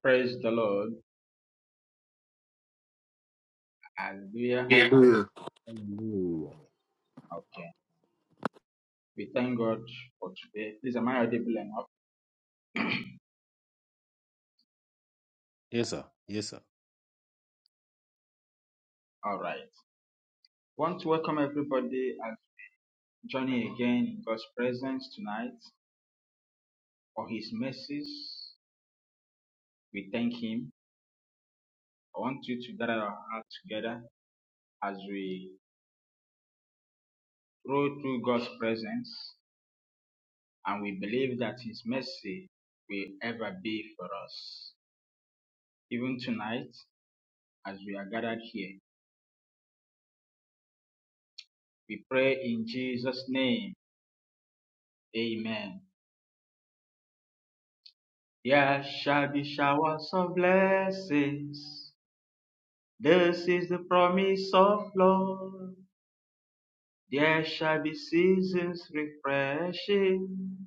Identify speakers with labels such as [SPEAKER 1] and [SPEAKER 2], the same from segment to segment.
[SPEAKER 1] Praise the Lord. Hallelujah.
[SPEAKER 2] Hallelujah.
[SPEAKER 3] Hallelujah.
[SPEAKER 1] Okay. We thank God for today. Please, am I audible enough?
[SPEAKER 3] Yes, sir. Yes, sir.
[SPEAKER 1] All right. Want to welcome everybody and journey again in God's presence tonight for His mercies. We thank Him. I want you to gather our hearts together as we roll through God's presence and we believe that His mercy will ever be for us. Even tonight, as we are gathered here, we pray in Jesus' name. Amen. There shall be showers of blessings. This is the promise of Lord. There shall be seasons refreshing,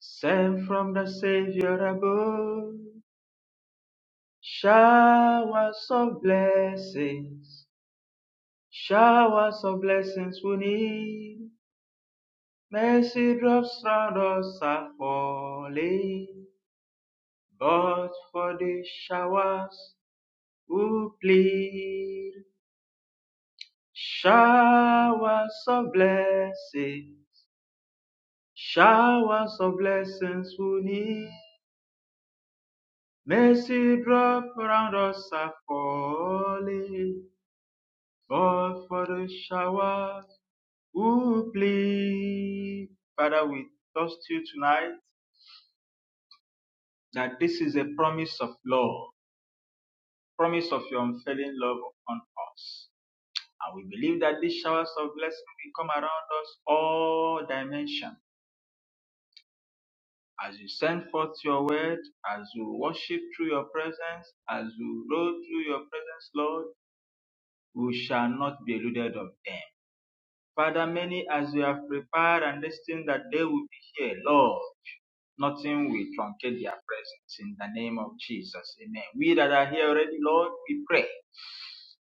[SPEAKER 1] sent from the Savior above. Showers of blessings, showers of blessings we need. Mercy drops round us are falling, but for the showers we plead. Showers of blessing, showers of blessings we need. Mercy drop around us are falling, but for the shower who plead. Father, we trust you tonight that this is a promise of love, promise of your unfailing love upon us. And we believe that these showers of blessing will come around us all dimensions as you send forth your word, as you worship through your presence, as you roll through your presence, Lord, we shall not be eluded of them. Father, many as you have prepared and destined that they will be here, Lord, nothing will truncate their presence in the name of Jesus. Amen. We that are here already, Lord, we pray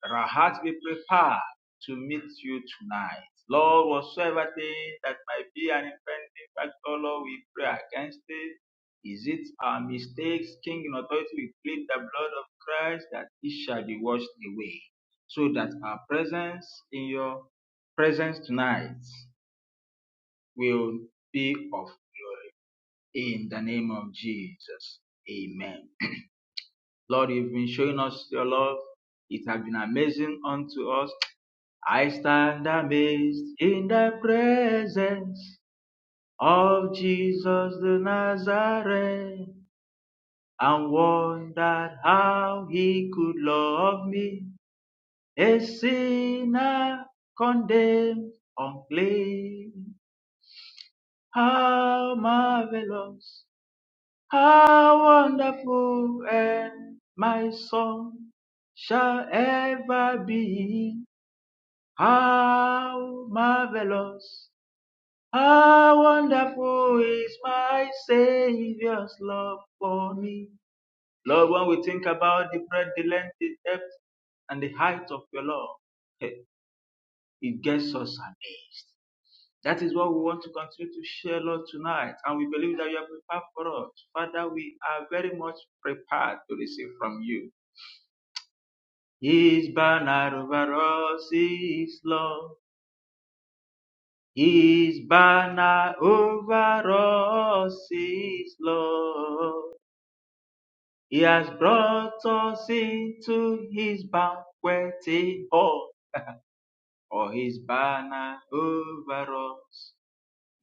[SPEAKER 1] that our hearts be prepared to meet you tonight. Lord, whatsoever thing that might be an impending factor, Lord, we pray against it. Is it our mistakes, King in authority? We plead the blood of Christ that it shall be washed away, so that our presence in your presence tonight will be of glory. In the name of Jesus, Amen. Lord, you've been showing us your love. It has been amazing unto us. I stand amazed in the presence of Jesus the Nazarene and wondered how he could love me, a sinner condemned, unclean. How marvelous How wonderful and my song shall ever be. How marvelous, how wonderful is my Savior's love for me. Lord, when we think about the breadth, the length, the depth, and the height of your love, eh, it gets us amazed. That is what we want to continue to share, Lord, tonight. And we believe that you are prepared for us. Father, we are very much prepared to receive from you. His banner over us is love. His banner over us is love. He has brought us into his banqueting hall. For his banner over us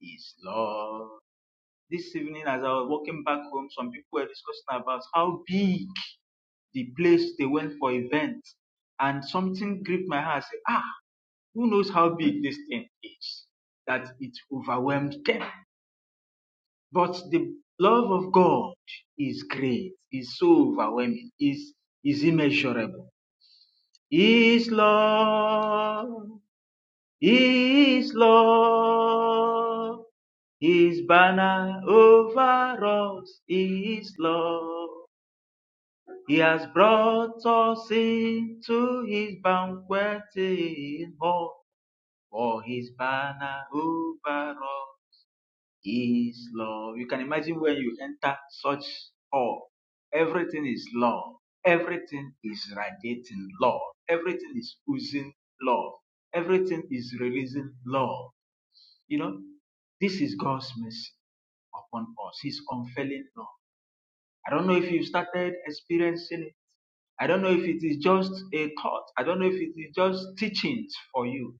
[SPEAKER 1] is love. this evening as I was walking back home, some people were discussing about how big the place they went for events. And something gripped my heart. I said, ah, who knows how big this thing is? That it overwhelmed them. But the love of God is great, is so overwhelming, is is immeasurable. His love, His love, His banner over us, His love. He has brought us into his banqueting hall, for his banner over all is love. You can imagine when you enter such hall, everything is love, everything is radiating love, everything is oozing love, everything is releasing love. You know, this is God's mercy upon us, his unfailing love. I don't know if you started experiencing it. I don't know if it is just a thought. I don't know if it is just teachings for you.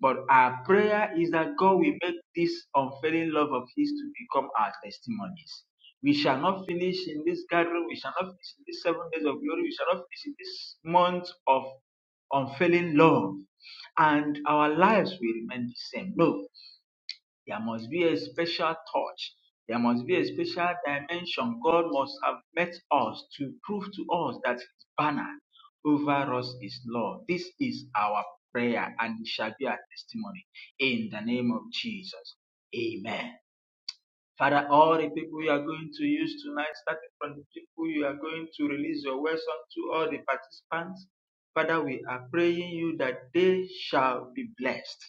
[SPEAKER 1] But our prayer is that God will make this unfailing love of His to become our testimonies. We shall not finish in this gathering. We shall not finish in these seven days of glory. We shall not finish in this month of unfailing love. And our lives will remain the same. No, there must be a special touch. There must be a special dimension. God must have met us to prove to us that His banner over us is Lord. This is our prayer and it shall be our testimony. In the name of Jesus. Amen. Father, all the people you are going to use tonight, starting from the people you are going to release your words unto all the participants, Father, we are praying you that they shall be blessed.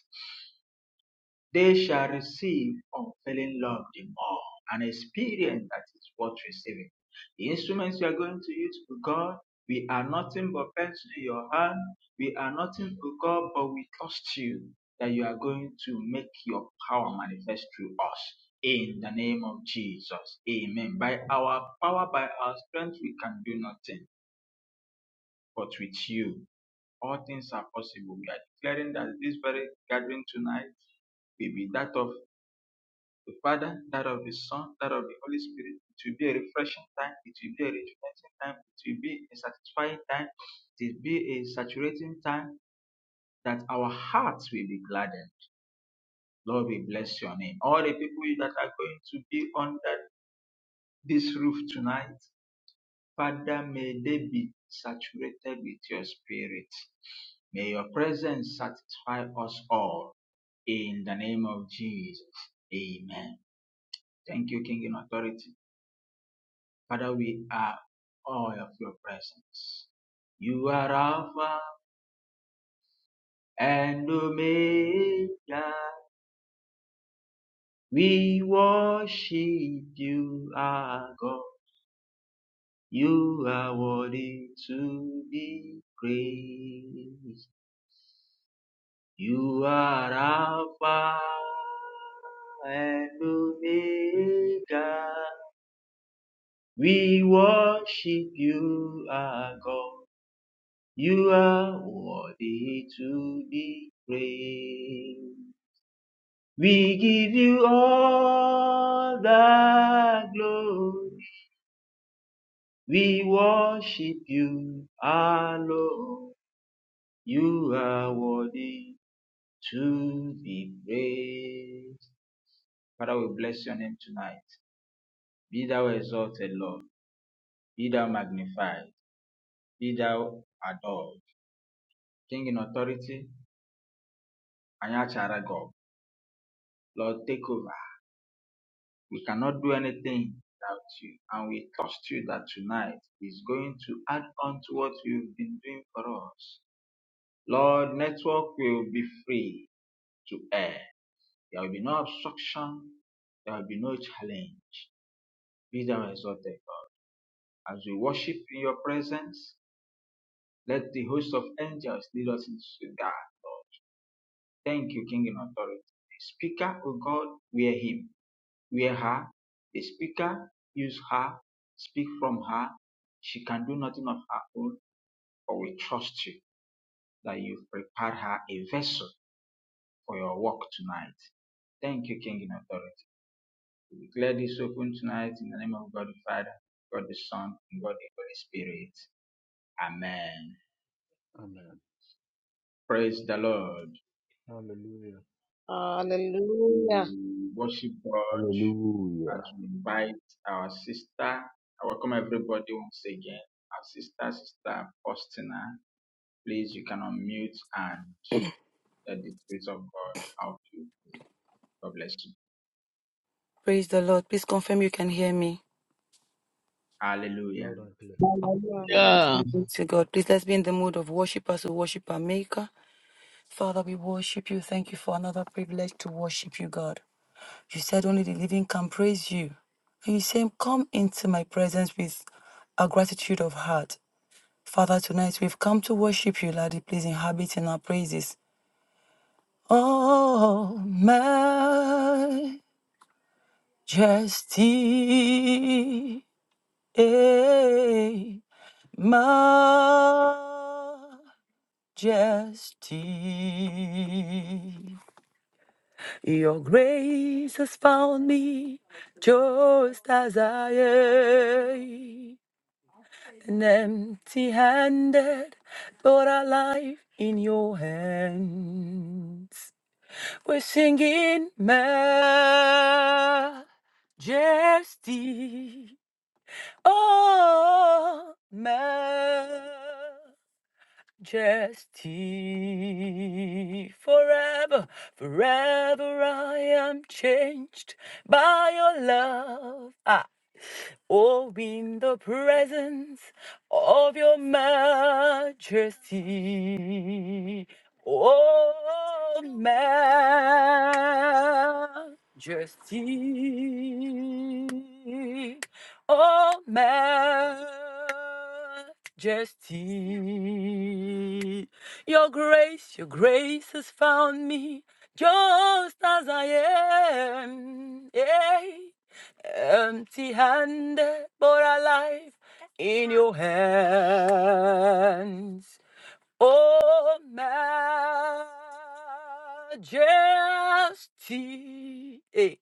[SPEAKER 1] They shall receive unfailing love the more, an experience that is worth receiving. The instruments you are going to use for God, we are nothing but pens in your hand. We are nothing for God, but we trust you that you are going to make your power manifest through us. In the name of Jesus. Amen. By our power, by our strength, we can do nothing. But with you, all things are possible. We are declaring that this very gathering tonight will be that of the Father, that of the Son, that of the Holy Spirit. It will be a refreshing time. It will be a rejuvenating time. It will be a satisfying time. It will be a saturating time that our hearts will be gladdened. Lord, we bless your name. All the people that are going to be under this roof tonight, Father, may they be saturated with your spirit. May your presence satisfy us all. In the name of Jesus. Amen. Thank you, King in authority. Father, we are all of your presence. You are Alpha and Omega. We worship you, our God. You are worthy to be praised. You are Alpha and Omega. We worship you, our God. You are worthy to be praised. We give you all the glory. We worship you, our Lord. You are worthy to be praised. Father, we bless your name tonight. Be thou exalted, Lord. Be thou magnified. Be thou adored. King in authority, Anyachara God. Lord, take over. We cannot do anything without you. And we trust you that tonight is going to add on to what you've been doing for us. Lord, network will be free to air. There will be no obstruction. There will be no challenge. Be thou exalted, God. As we worship in your presence, let the host of angels lead us into that, Lord. Thank you, King in authority. The speaker, O God, wear him. Where her, the speaker, use her, speak from her, she can do nothing of her own, but we trust you that you've prepared her a vessel for your work tonight. Thank you, King in authority. We declare this open tonight in the name of God the Father, God the Son, and God the Holy Spirit. Amen.
[SPEAKER 4] Amen.
[SPEAKER 1] Praise the Lord.
[SPEAKER 4] Hallelujah.
[SPEAKER 5] Hallelujah.
[SPEAKER 1] We worship God
[SPEAKER 3] Hallelujah.
[SPEAKER 1] as we invite our sister. I welcome everybody once again. Our sister, sister Faustina. Please, you can unmute and let the Spirit of God help you. God bless you.
[SPEAKER 6] Praise the Lord. Please confirm you can hear me.
[SPEAKER 1] Hallelujah.
[SPEAKER 4] Loud and clear.
[SPEAKER 7] Hallelujah.
[SPEAKER 6] Glory To God, please let's be in the mood of worship as we worship our Maker. Father, we worship you. Thank you for another privilege to worship you, God. You said only the living can praise you. And you say, Come into my presence with a gratitude of heart. Father, tonight we've come to worship you, Lord. Please inhabit in our praises. Oh, majesty. Eh. majesty. Your grace has found me just as I am, an empty handed, but alive in your hands. We're singing majesty. Oh, Majesty. majesty. Forever, forever I am changed by your love. I Oh, in the presence of your majesty, oh, majesty, oh, majesty. Your grace, your grace has found me just as I am. Yeah empty handed, but alive in your hands. Oh, majesty. eh.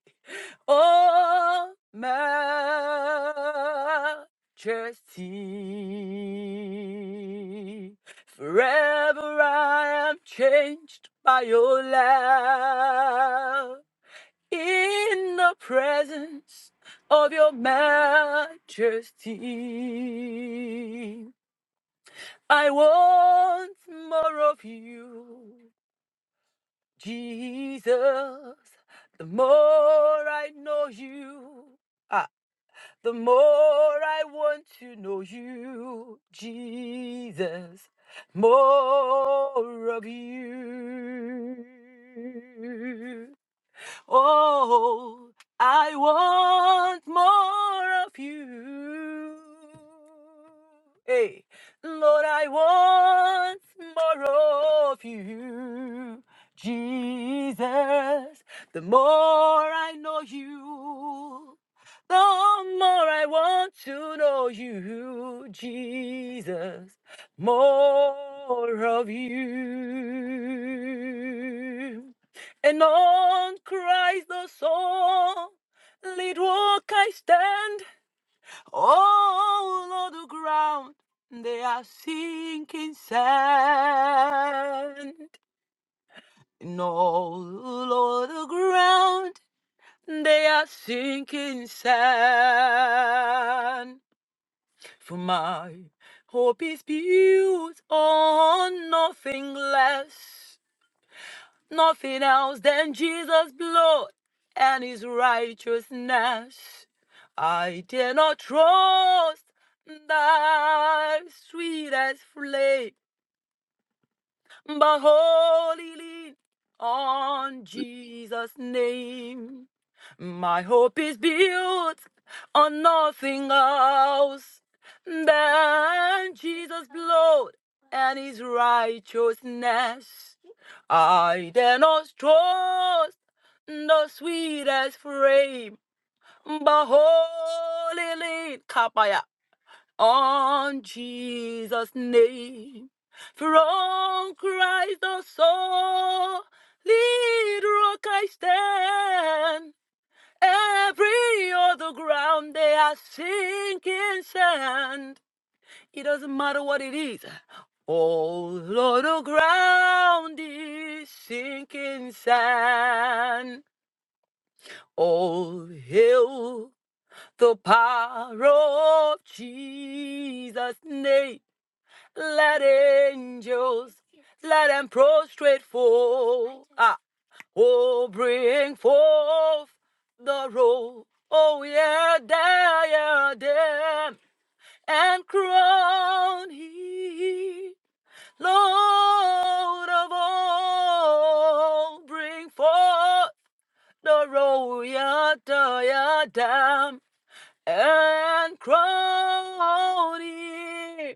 [SPEAKER 6] Oh, majesty. Forever I am changed by your love in the presence of your majesty. I want more of you, Jesus. The more I know you, ah, the more I want to know you, Jesus. More of you. Oh, I want more of you. Hey, Lord, I want more of you. Jesus, the more I know you, the more I want to know you, Jesus, more of you. And on Christ the solid rock I stand. All on the ground they are sinking sand. And all on the ground they are sinking sand. For my hope is built on nothing less nothing else than Jesus' blood and his righteousness. I dare not trust thy sweetest flame, but wholly lean on Jesus' name. My hope is built on nothing else than Jesus' blood and his righteousness. I dare not trust no sweetest frame, but holy lean kapaya on Jesus' name. From Christ the solid rock I stand. Every other ground they are sinking sand. It doesn't matter what it is. All other ground is sinking sand. Oh, hail the power of Jesus' name. Let angels, let them prostrate fall. Ah, oh, bring forth the roll. Oh, yeah, there, yeah, them. And crown he, Lord of all. Bring forth the royal diadem and crown him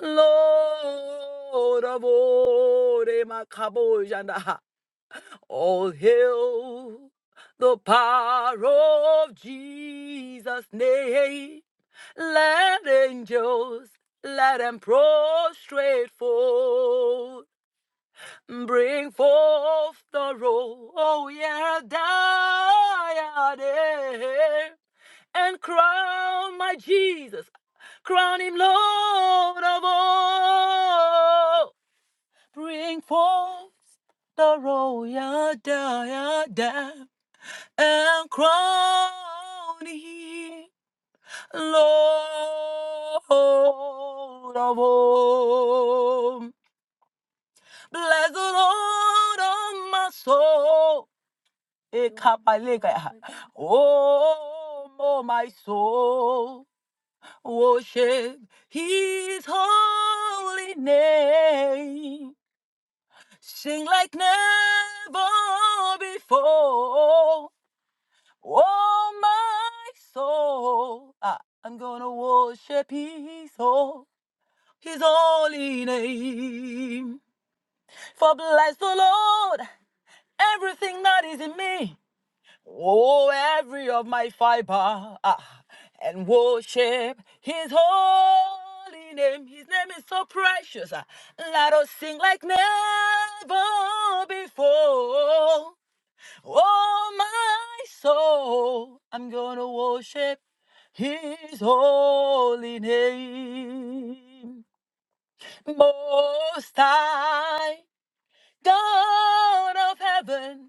[SPEAKER 6] Lord of Ore Makabojanda. All hail the power of Jesus' name. Let angels let them prostrate forth, bring forth the roll. Oh, yeah, die yeah, yeah, and crown my Jesus. Crown him Lord of all. Bring forth the royal diadem and crown him Lord of all. Bless the Lord of my soul. Eh, Oh, oh, my soul. Worship his holy name. Sing like never before. Oh, my soul. Ah, I'm gonna worship his holy, his holy name. For bless the Lord, everything that is in me. Oh, every of my fiber, ah, and worship His holy name. His name is so precious. ah. Let us sing like never before. Oh, my soul, I'm gonna worship His holy name. Most High, God of heaven.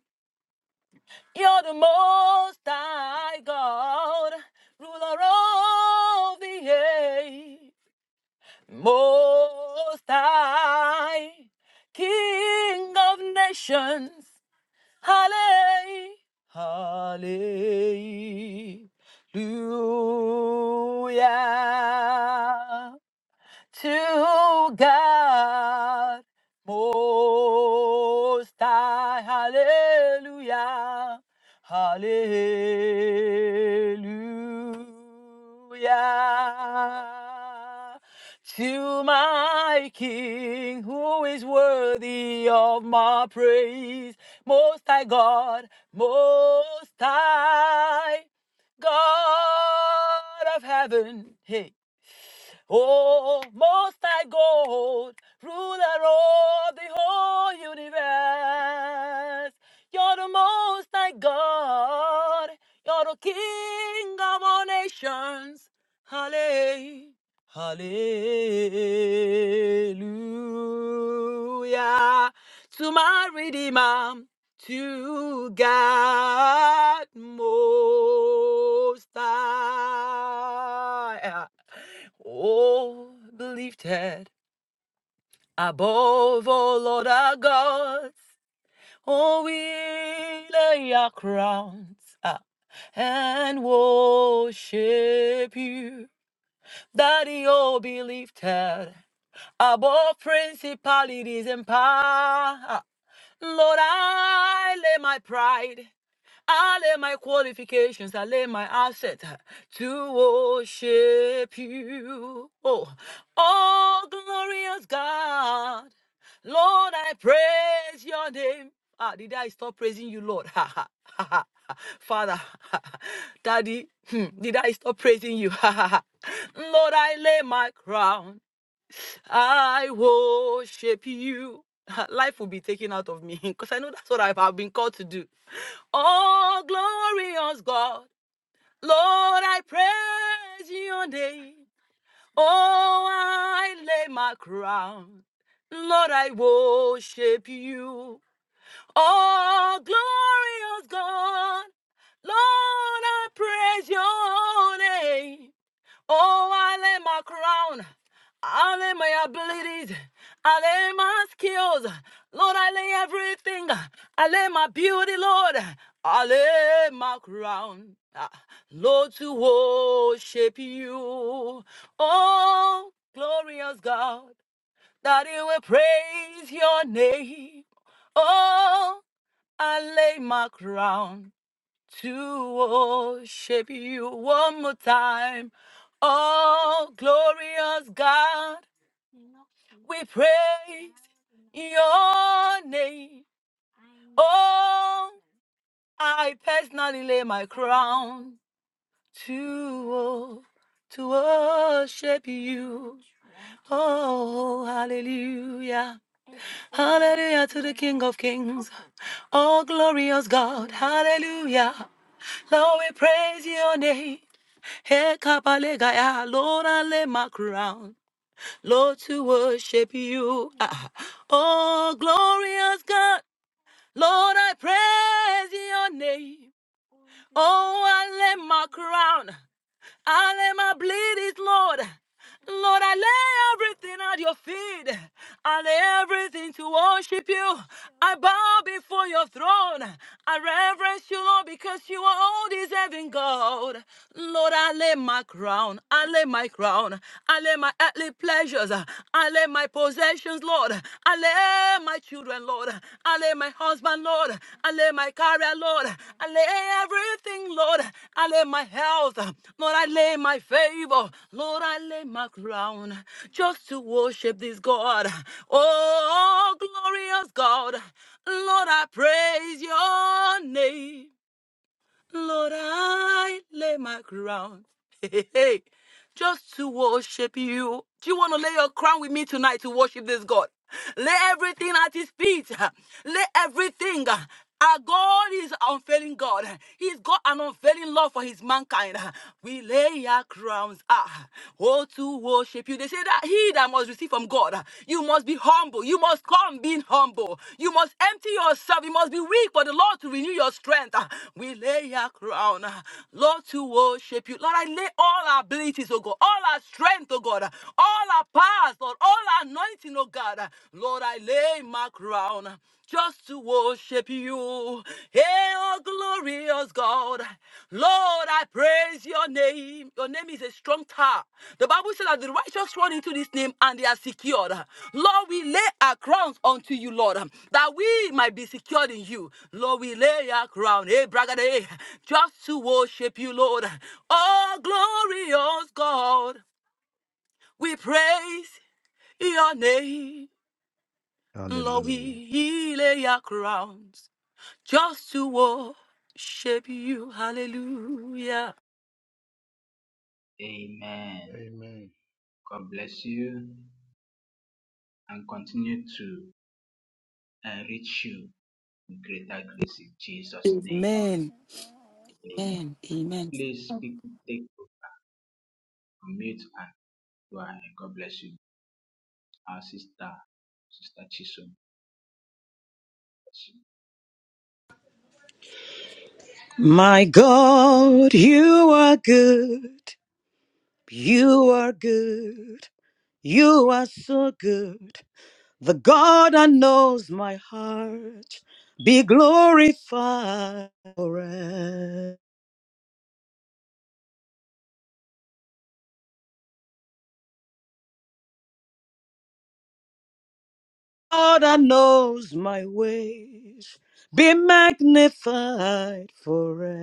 [SPEAKER 6] You're the most high God, ruler of the age, most high, King of nations. hallelujah, hallelujah to God most high. Hallelujah. Hallelujah. To my King who is worthy of my praise. Most high God, most high God of heaven. Hey, Oh, most high God, ruler of the whole universe. You're the most high God. You're the King of all nations. Halle- Hallelujah. To my Redeemer, to God most high. Oh, believed that above all other gods, oh, we lay our crowns up and worship you. Daddy, oh, be lifted above principalities and power. Lord, I lay my pride. I lay my qualifications, I lay my asset to worship you. Oh, oh, glorious God, Lord, I praise your name. Ah, did I stop praising you, Lord? Ha ha ha ha. Father, Daddy, hmm, did I stop praising you? Ha ha ha. Lord, I lay my crown. I worship you. Life will be taken out of me because I know that's what I've I've been called to do. Oh, glorious God, Lord, I praise your name. Oh, I lay my crown. Lord, I worship you. Oh, glorious God, Lord, I praise your name. Oh, I lay my crown. I lay my abilities. I lay my skills. Lord, I lay everything. I lay my beauty, Lord. I lay my crown. Ah, Lord, to worship you. Oh, glorious God, that He will praise your name. Oh, I lay my crown to worship you one more time. Oh, glorious God, we praise your name. Oh, I personally lay my crown to, wo- to worship you. Oh, hallelujah. Hallelujah to the King of Kings. Oh, glorious God. Hallelujah. Lord, we praise your name. Hey, Kapalegaya, Lord, I lay my crown, Lord, to worship you. Ah. Oh, glorious God, Lord, I praise your name. Oh, I lay my crown. I lay my bleed Lord. Lord, I lay everything at your feet. I lay everything to worship you. I bow before your throne. I reverence you, Lord, because you are all deserving God. Lord, I lay my crown. I lay my crown. I lay my earthly pleasures. I lay my possessions, Lord. Lord. I lay my children, Lord. I lay my husband, Lord. I lay my career, Lord. I lay everything, Lord. I lay my health. Lord, I lay my favor. Lord, I lay my crown just to worship this God. Oh, glorious God. Lord, I praise your name. Lord, I lay my crown. Hey, hey, hey. just to worship you. Do you want to lay your crown with me tonight to worship this God? Lay everything at his feet. Lay everything. Our God is unfailing God. He's got an unfailing love for his mankind. We lay our crowns ah, oh, to worship you. They say that He need I must receive from God. You must be humble. You must come being humble. You must empty yourself. You must be weak for the Lord to renew your strength. We lay our crown, Lord, to worship you. Lord, I lay all our abilities, oh God, all our strength, oh God, all our powers, Lord, all our anointing, oh God. Lord, I lay my crown just to worship you. Hey, oh glorious God. Lord, I praise your name. Your name is a strong tower. The Bible says that the righteous run into this name and they are secured. Lord, we lay our crowns unto you, Lord, that we might be secured in you. Lord, we lay our crown, hey, bragade, just to worship you, Lord. Oh, glorious God, we praise your name. Lord,
[SPEAKER 3] Hallelujah.
[SPEAKER 6] we lay our crowns just to worship you. Hallelujah.
[SPEAKER 1] Amen.
[SPEAKER 4] Amen.
[SPEAKER 1] God bless you and continue to enrich you with greater grace in Jesus' name.
[SPEAKER 6] Amen.
[SPEAKER 1] Amen.
[SPEAKER 6] Amen. Amen.
[SPEAKER 1] Please, people, take unmute and go ahead. God bless you. Our sister, Sister Chisholm. bless
[SPEAKER 8] My God, you are good. You are good. You are so good. The God that knows my heart be glorified forever. God that knows my ways be magnified forever.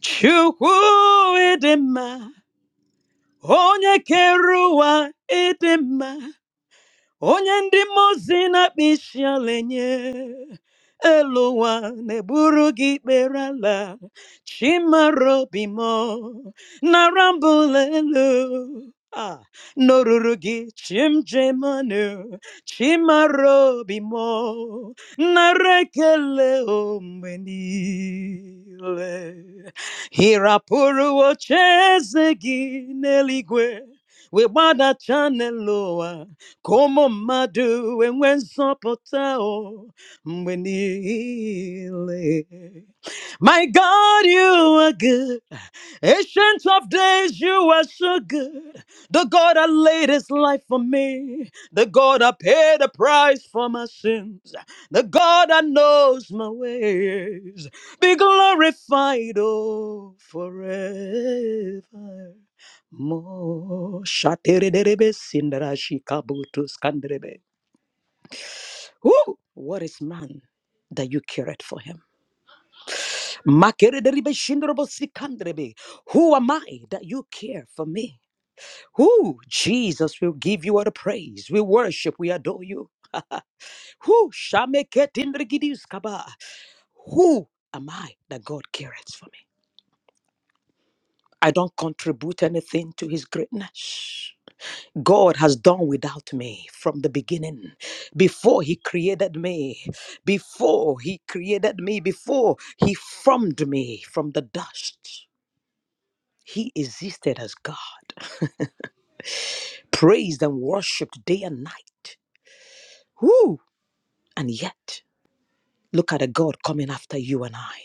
[SPEAKER 8] Chukwu idima, onye keruwa idima. onye ndị mmụọ ozi na-akpa isi ala enye elu ụwa na-egburu gị ikpere ala chimara obi m elu Ah, n'oruru gị chim jemanu chimara obi m nara ekele o mgbe niile hirapụrụ oche eze gị n'eluigwe wee gbadachaa n'elu ụwa Como mmadụ enwe nzọpụta o mgbe niile. My God, you are good. Ancient of days, you are so good. The God that laid his life for me. The God that paid the price for my sins. The God that knows my ways. Be glorified, oh, forever. Mo shaterebe sindarashi kabutus kandrebe. Woo! What is man that you cared for him? Makerebe shindrabo sikandrebe. Who am I that you care for me? Who? Jesus will give you all the praise. We worship, we adore you. Who? Shameketindrigidis kaba. Who am I that God cares for me? I don't contribute anything to his greatness. God has done without me from the beginning. Before He created me, before He created me, before He formed me from the dust, He existed as God, praised and worshipped day and night. Whoo! And yet, look at a God coming after you and I.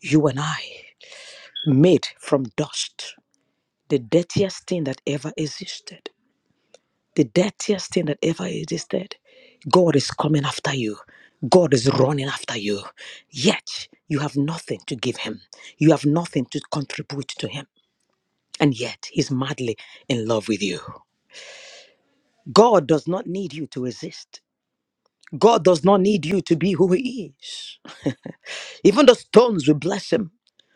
[SPEAKER 8] You and I, made from dust, the dirtiest thing that ever existed. the dirtiest thing that ever existed. God is coming after you. God is running after you. Yet you have nothing to give him. You have nothing to contribute to him. And yet he's madly in love with you. God does not need you to exist. God does not need you to be who he is. Even the stones will bless him.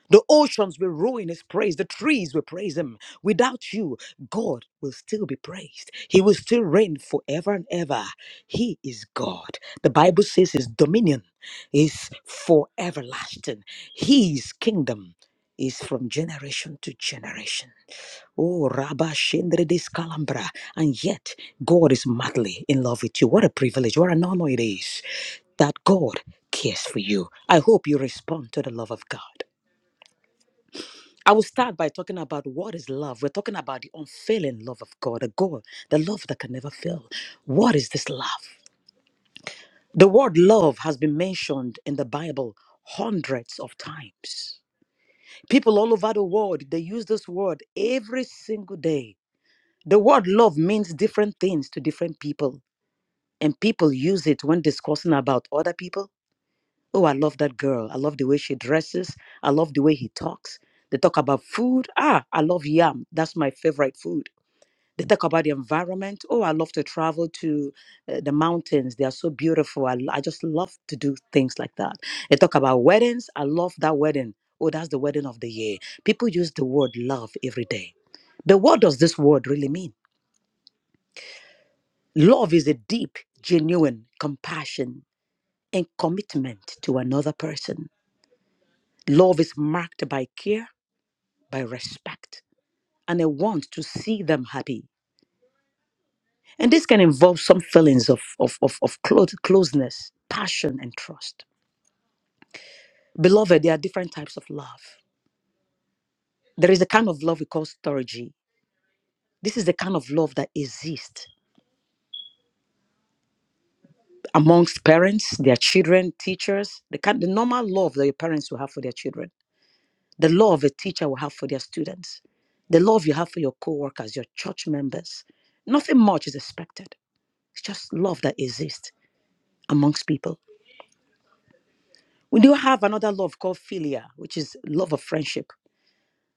[SPEAKER 8] The oceans will ruin his praise. The trees will praise him. Without you, God will still be praised. He will still reign forever and ever. He is God. The Bible says his dominion is for everlasting. His kingdom is from generation to generation. Oh, Rabba Shendre Discalambra. And yet, God is madly in love with you. What a privilege, what an honor it is that God cares for you. I hope you respond to the love of God. I will start by talking about what is love. We're talking about the unfailing love of God, the God, the love that can never fail. What is this love? The word love has been mentioned in the Bible hundreds of times. People all over the world, they use this word every single day The word love means different things to different people, and people use it when discussing about other people. Oh, I love that girl. I love the way she dresses. I love the way he talks. They talk about food. Ah, I love yam. That's my favorite food. They talk about the environment. Oh, I love to travel to uh, the mountains. They are so beautiful. I I just love to do things like that. They talk about weddings. I love that wedding. Oh, that's the wedding of the year. People use the word love every day. But what does this word really mean? Love is a deep, genuine compassion and commitment to another person. Love is marked by care, by respect, and a want to see them happy. And this can involve some feelings of, of, of, of close, closeness, passion, and trust. Beloved, there are different types of love. There is a kind of love we call storge. This is the kind of love that exists amongst parents, their children, teachers, the kind the normal love that your parents will have for their children. The love a teacher will have for their students, the love you have for your co-workers, your church members. Nothing much is expected. It's just love that exists amongst people. We do have another love called philia, which is love of friendship,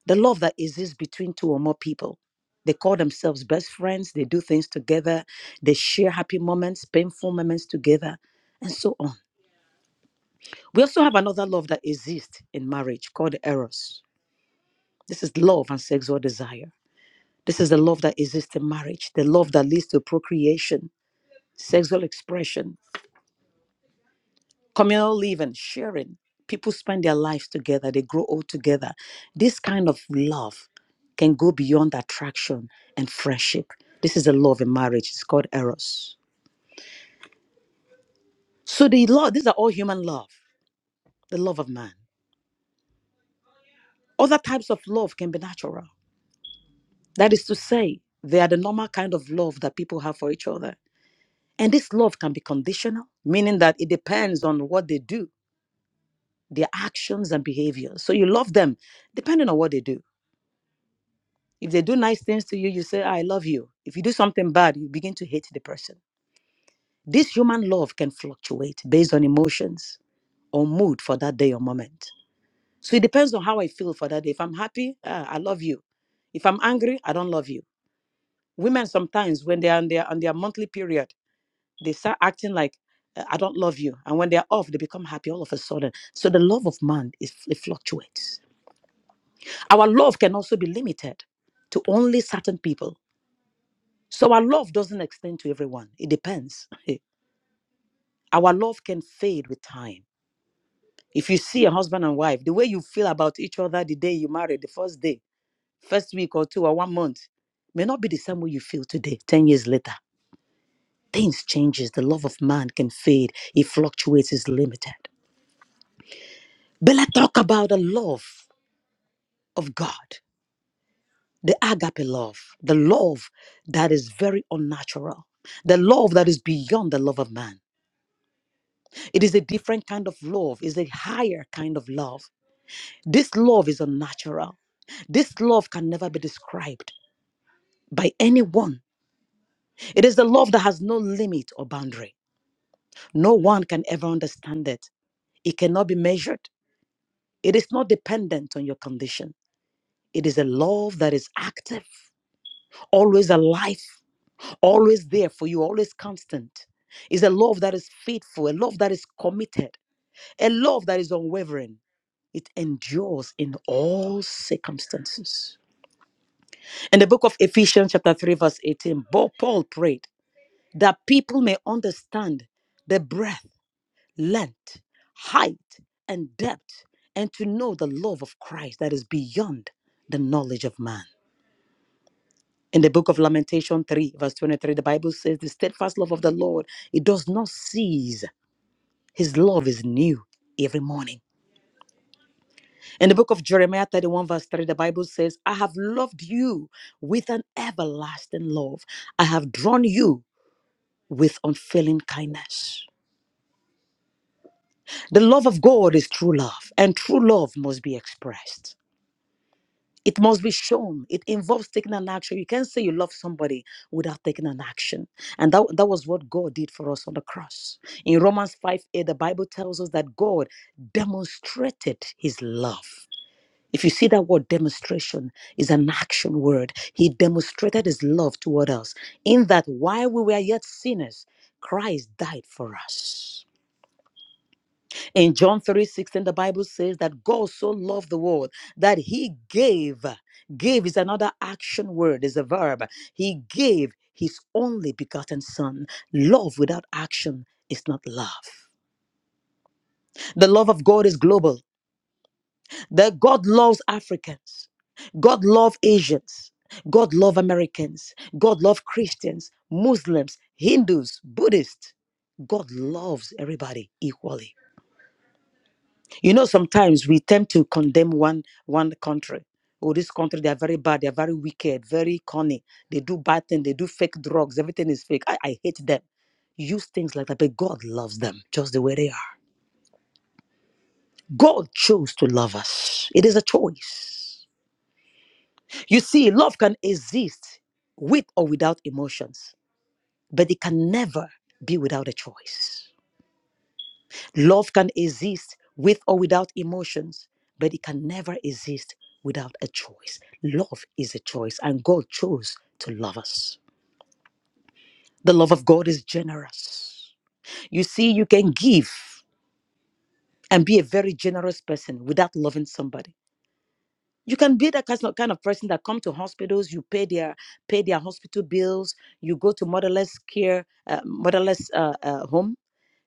[SPEAKER 8] the love that exists between two or more people. They call themselves best friends. They do things together. They share happy moments, painful moments together, and so on. We also have another love that exists in marriage called eros. This is love and sexual desire. This is the love that exists in marriage, the love that leads to procreation, sexual expression, communal living, sharing. People spend their lives together, they grow old together. This kind of love can go beyond attraction and friendship. This is the love in marriage. It's called eros. So the love, these are all human love, the love of man. Other types of love can be natural. That is to say, they are the normal kind of love that people have for each other. And this love can be conditional, meaning that it depends on what they do their actions and behaviors. So you love them depending on what they do. If they do nice things to you, you say, I love you. If you do something bad, you begin to hate the person. This human love can fluctuate based on emotions or mood for that day or moment. So it depends on how I feel for that day. If I'm happy, ah, I love you. If I'm angry, I don't love you. Women sometimes, when they're on their, on their monthly period, they start acting like, "Uh, I don't love you. And when they're off, they become happy all of a sudden. So the love of man is it fluctuates Our love can also be limited to only certain people. So our love doesn't extend to everyone. It depends. our love can fade with time. If you see a husband and wife, the way you feel about each other the day you married, the first day, first week or two or one month, may not be the same way you feel today, 10 years later. Things changes. The love of man can fade. It fluctuates, is limited. But let's talk about the love of God. the agape love, the love that is very unnatural, the love that is beyond the love of man. It is a different kind of love, is a higher kind of love. This love is unnatural. This love can never be described by anyone. It is the love that has no limit or boundary. No one can ever understand it. It cannot be measured. It is not dependent on your condition. It is a love that is active, always alive, always there for you, always constant. It's a love that is faithful, a love that is committed, a love that is unwavering. It endures in all circumstances. In the book of Ephesians, chapter 3, verse 18, Bo- Paul prayed that people may understand the breadth, length, height, and depth, and to know the love of Christ that is beyond the knowledge of man In the book of Lamentation 3, verse 23, the Bible says, The steadfast love of the Lord, it does not cease. His love is new every morning. In the book of Jeremiah 31, verse 3, the Bible says, I have loved you with an everlasting love. I have drawn you with unfailing kindness. The love of God is true love, and true love must be expressed. It must be shown. It involves taking an action. You can't say you love somebody without taking an action. And that, that was what God did for us on the cross. In Romans 5 8, the Bible tells us that God demonstrated his love. If you see that word demonstration is an action word, he demonstrated his love toward us in that while we were yet sinners, Christ died for us. In John 3 16, the Bible says that God so loved the world that he gave. Give is another action word, is a verb. He gave his only begotten son. Love without action is not love. The love of God is global. That God loves Africans. God loves Asians. God loves Americans. God loves Christians, Muslims, Hindus, Buddhists. God loves everybody equally. You know, sometimes we tend to condemn one one country. Oh, this country, they are very bad, they are very wicked, very corny. They do bad things, they do fake drugs, everything is fake. I, I hate them. Use things like that, but God loves them just the way they are. God chose to love us. It is a choice. You see, love can exist with or without emotions, but it can never be without a choice. Love can exist with or without emotions, but it can never exist without a choice. Love is a choice, and God chose to love us. The love of God is generous. You see, you can give and be a very generous person without loving somebody. You can be that kind of kind of person that come to hospitals, you pay their pay their hospital bills, you go to motherless care, uh, motherless uh, uh, homes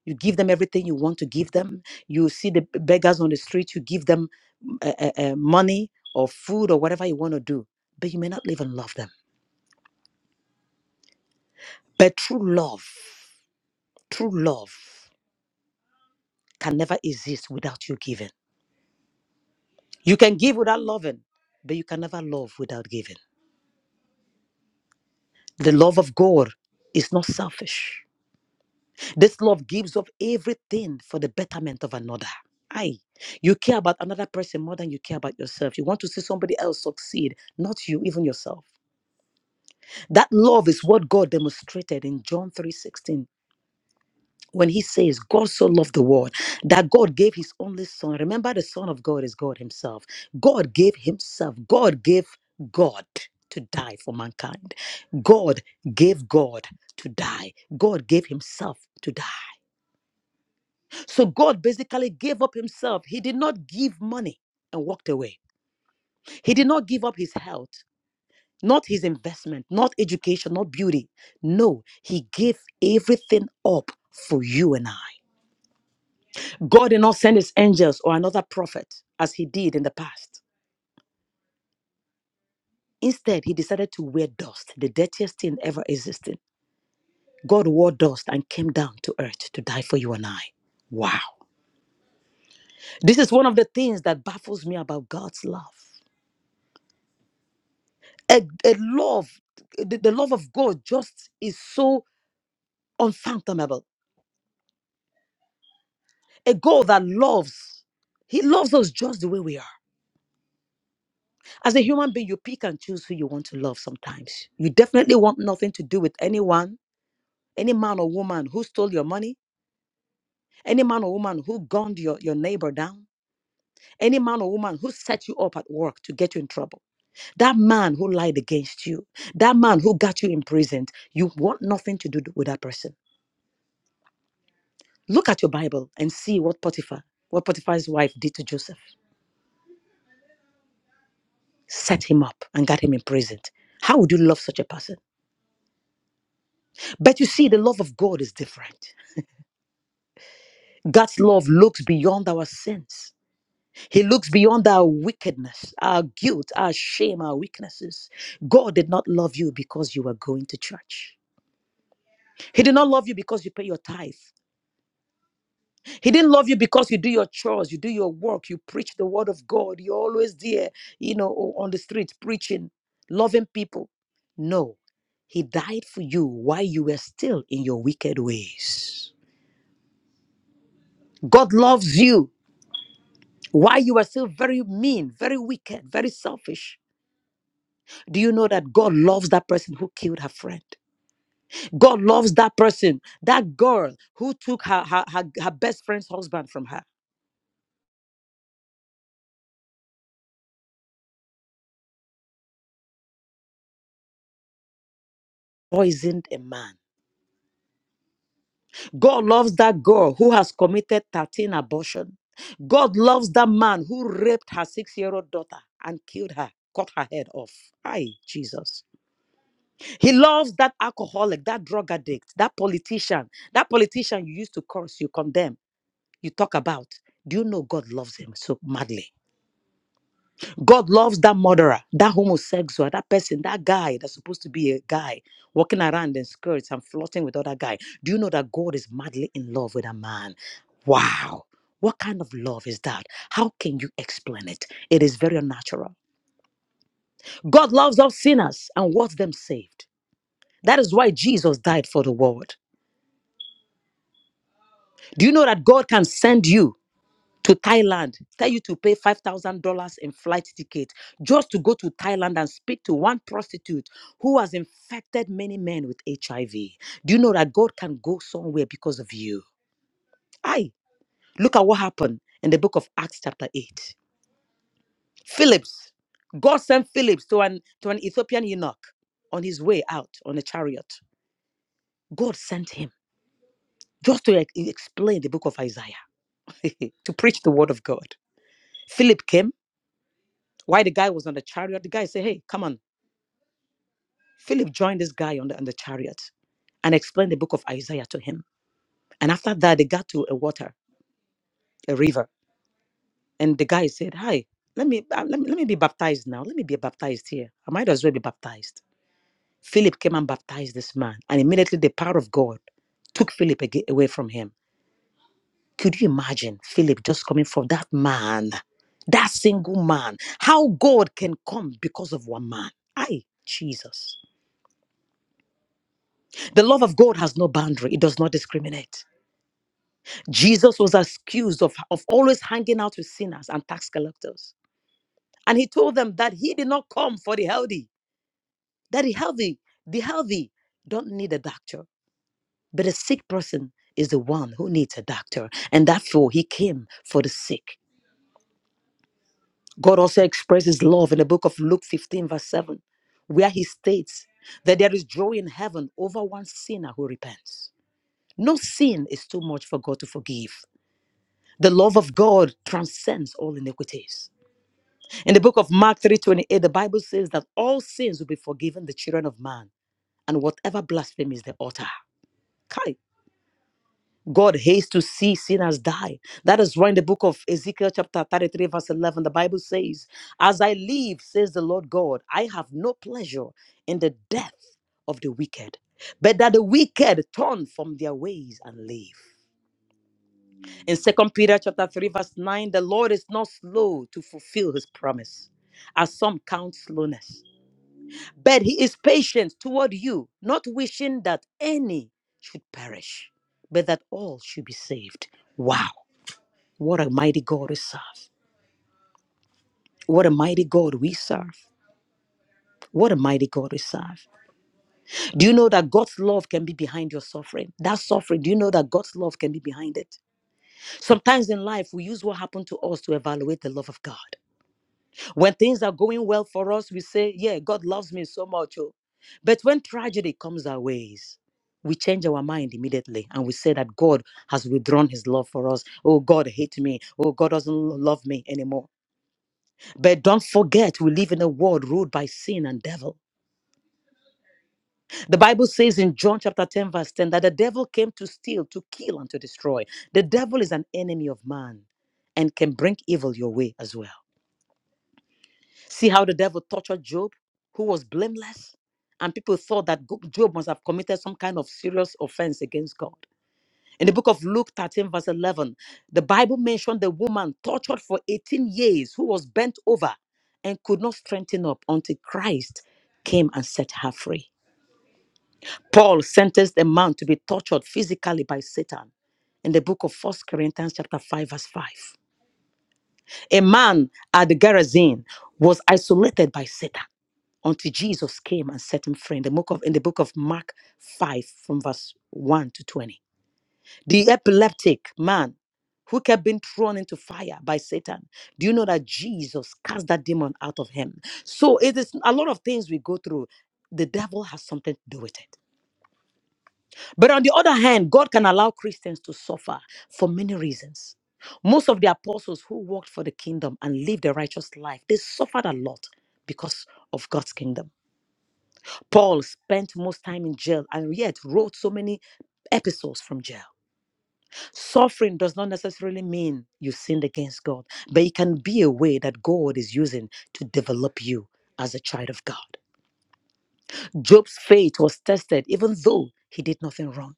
[SPEAKER 8] you give them everything you want to give them you see the b- beggars on the street you give them uh, uh, uh, money or food or whatever you want to do but you may not live and love them but true love true love can never exist without you giving you can give without loving but you can never love without giving the love of god is not selfish this love gives up everything for the betterment of another i you care about another person more than you care about yourself you want to see somebody else succeed not you even yourself That love is what God demonstrated in John 3:16 when he says God so loved the world that God gave his only son. Remember the son of God is God himself. God gave himself. God gave God to die for mankind. God gave God to die. God gave himself to die. So God basically gave up himself. He did not give money and walked away. He did not give up his health. not his investment, not education, not beauty. No, he gave everything up for you and I. God did not send his angels or another prophet as he did in the past. Instead, he decided to wear dust, the dirtiest thing ever existing. God wore dust and came down to earth to die for you and I. Wow. This is one of the things that baffles me about God's love. A, a love, the, the love of God just is so unfathomable a God that loves. He loves us just the way we are. As a human being, you pick and choose who you want to love sometimes. You definitely want nothing to do with anyone, any man or woman who stole your money, any man or woman who gunned your, your neighbor down, any man or woman who set you up at work to get you in trouble, that man who lied against you, that man who got you imprisoned. You want nothing to do with that person. Look at your Bible and see what Potiphar, what Potiphar's wife did to Joseph. set him up and got him imprisoned. How would you love such a person? But you see, the love of God is different. God's love looks beyond our sins. He looks beyond our wickedness, our guilt, our shame, our weaknesses. God did not love you because you were going to church. He did not love you because you pay your tithe. He didn't love you because you do your chores, you do your work, you preach the word of God. You're always there, you know, o- on the streets preaching, loving people. No, He died for you while you were still in your wicked ways. God loves you while you are still very mean, very wicked, very selfish. Do you know that God loves that person who killed her friend? God loves that person, that girl who took her, her, her, her best friend's husband from her, poisoned a man. God loves that girl who has committed 13 abortion. God loves that man who raped her six-year-old daughter and killed her, cut her head off. Hi, Jesus. He loves that alcoholic, that drug addict, that politician, that politician you used to curse, you condemn, you talk about. Do you know God loves him so madly? God loves that murderer, that homosexual, that person, that guy that's supposed to be a guy walking around in skirts and flirting with other guy. Do you know that God is madly in love with a man? Wow. What kind of love is that? How can you explain it? It is very unnatural. God loves all sinners and wants them saved. That is why Jesus died for the world. Do you know that God can send you? to Thailand, tell you to pay $5,000 in flight ticket just to go to Thailand and speak to one prostitute who has infected many men with HIV. Do you know that God can go somewhere because of you? Aye, look at what happened in the book of Acts, chapter 8. Phillips, God sent Phillips to an, to an Ethiopian eunuch on his way out on a chariot. God sent him just to like, explain the book of Isaiah, to preach the word of God. Philip came Why the guy was on the chariot? The guy said, Hey, come on. Philip joined this guy on the, on the chariot and explained the book of Isaiah to him. And after that, they got to a water, a river. And the guy said, Hi, let me, uh, let me, let me be baptized now. Let me be baptized here. I might as well be baptized. Philip came and baptized this man. And immediately the power of God took Philip aga- away from him. Could you imagine Philip just coming from that man, that single man? How God can come because of one man? I, Jesus. The love of God has no boundary, it does not discriminate. Jesus was accused of, of always hanging out with sinners and tax collectors. And he told them that he did not come for the healthy, that the healthy, the healthy don't need a doctor, but a sick person is the one who needs a doctor. And therefore, he came for the sick. God also expresses love in the book of Luke 15, verse 7, where he states that there is joy in heaven over one sinner who repents. No sin is too much for God to forgive. The love of God transcends all iniquities. In the book of Mark 3:28, the Bible says that all sins will be forgiven the children of man, and whatever blasphemies they utter. Kai. God hates to see sinners die. That is why in the book of Ezekiel, chapter 33, verse 11, the Bible says, As I live, says the Lord God, I have no pleasure in the death of the wicked, but that the wicked turn from their ways and live. in second peter chapter 3 verse 9 the lord is not slow to fulfill his promise as some count slowness but he is patient toward you not wishing that any should perish but that all should be saved wow what a mighty god we serve what a mighty god we serve what a mighty God we serve. Do you know that God's love can be behind your suffering? That suffering, do you know that God's love can be behind it? Sometimes in life, we use what happened to us to evaluate the love of God. When things are going well for us, we say, Yeah, God loves me so much. Oh. But when tragedy comes our ways, we change our mind immediately and we say that God has withdrawn his love for us. Oh, God hates me. Oh, God doesn't love me anymore. But don't forget, we live in a world ruled by sin and devil. The Bible says in John chapter 10, verse 10, that the devil came to steal, to kill, and to destroy. The devil is an enemy of man and can bring evil your way as well. See how the devil tortured Job, who was blameless? And people thought that Go- Job must have committed some kind of serious offense against God. In the book of Luke 13, verse 11, the Bible mentioned the woman tortured for 18 years who was bent over and could not strengthen up until Christ came and set her free. Paul sentenced a man to be tortured physically by Satan in the book of First Corinthians chapter 5 verse 5. A man at the Gerasene was isolated by Satan. until Jesus came and set him free. In the book of, in the book of Mark 5, from verse 1 to 20. The epileptic man who kept being thrown into fire by Satan. Do you know that Jesus cast that demon out of him? So it is a lot of things we go through. The devil has something to do with it. But on the other hand, God can allow Christians to suffer for many reasons. Most of the apostles who worked for the kingdom and lived a righteous life, they suffered a lot because of God's kingdom. Paul spent most time in jail and yet wrote so many episodes from jail. Suffering does not necessarily mean you sinned against God, but it can be a way that God is using to develop you as a child of God. Job's faith was tested even though he did nothing wrong.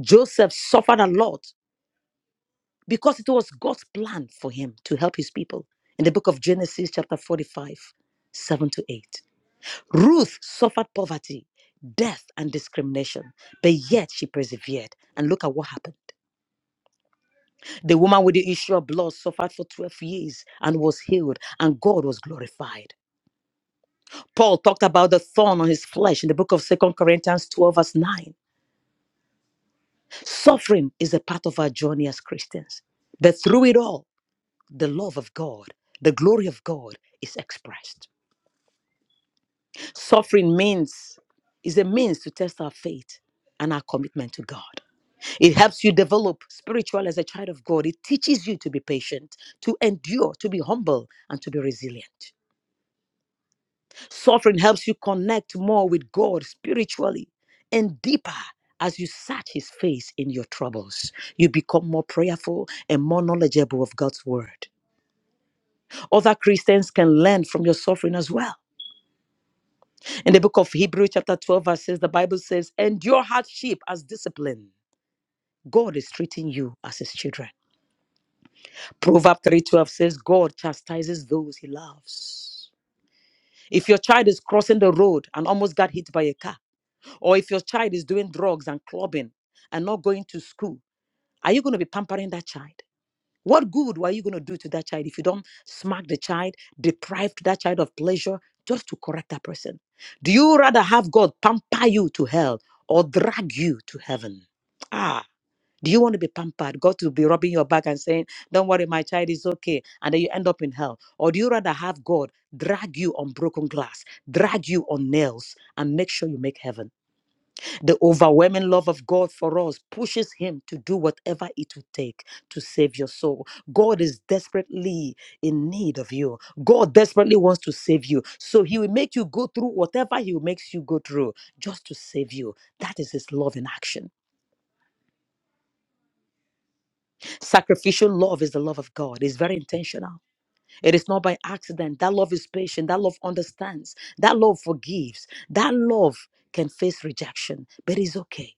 [SPEAKER 8] Joseph suffered a lot because it was God's plan for him to help his people. In the book of Genesis, chapter 45, 7 to 8. Ruth suffered poverty, death, and discrimination, but yet she persevered. And look at what happened. The woman with the issue of blood suffered for 12 years and was healed, and God was glorified. Paul talked about the thorn on his flesh in the book of 2 Corinthians 12, verse 9. Suffering is a part of our journey as Christians, but through it all, the love of God, the glory of God is expressed. Suffering means is a means to test our faith and our commitment to God. It helps you develop spiritual as a child of God. It teaches you to be patient, to endure, to be humble, and to be resilient. Suffering helps you connect more with God spiritually and deeper. As you search his face in your troubles, you become more prayerful and more knowledgeable of God's word. Other Christians can learn from your suffering as well. In the book of Hebrews, chapter 12, verse says the Bible says, Endure hardship as discipline. God is treating you as his children. Proverbs 3:12 says, God chastises those he loves. If your child is crossing the road and almost got hit by a car, or if your child is doing drugs and clubbing and not going to school, are you going to be pampering that child? What good are you going to do to that child if you don't smack the child, deprive that child of pleasure just to correct that person? Do you rather have God pamper you to hell or drag you to heaven? Ah. Do you want to be pampered? God will be rubbing your back and saying, Don't worry, my child is okay. And then you end up in hell. Or do you rather have God drag you on broken glass, drag you on nails, and make sure you make heaven? The overwhelming love of God for us pushes Him to do whatever it would take to save your soul. God is desperately in need of you. God desperately wants to save you. So He will make you go through whatever He makes you go through just to save you. That is His love in action. Sacrificial love is the love of God. It's very intentional. It is not by accident. That love is patient. That love understands. That love forgives. That love can face rejection, but it's okay.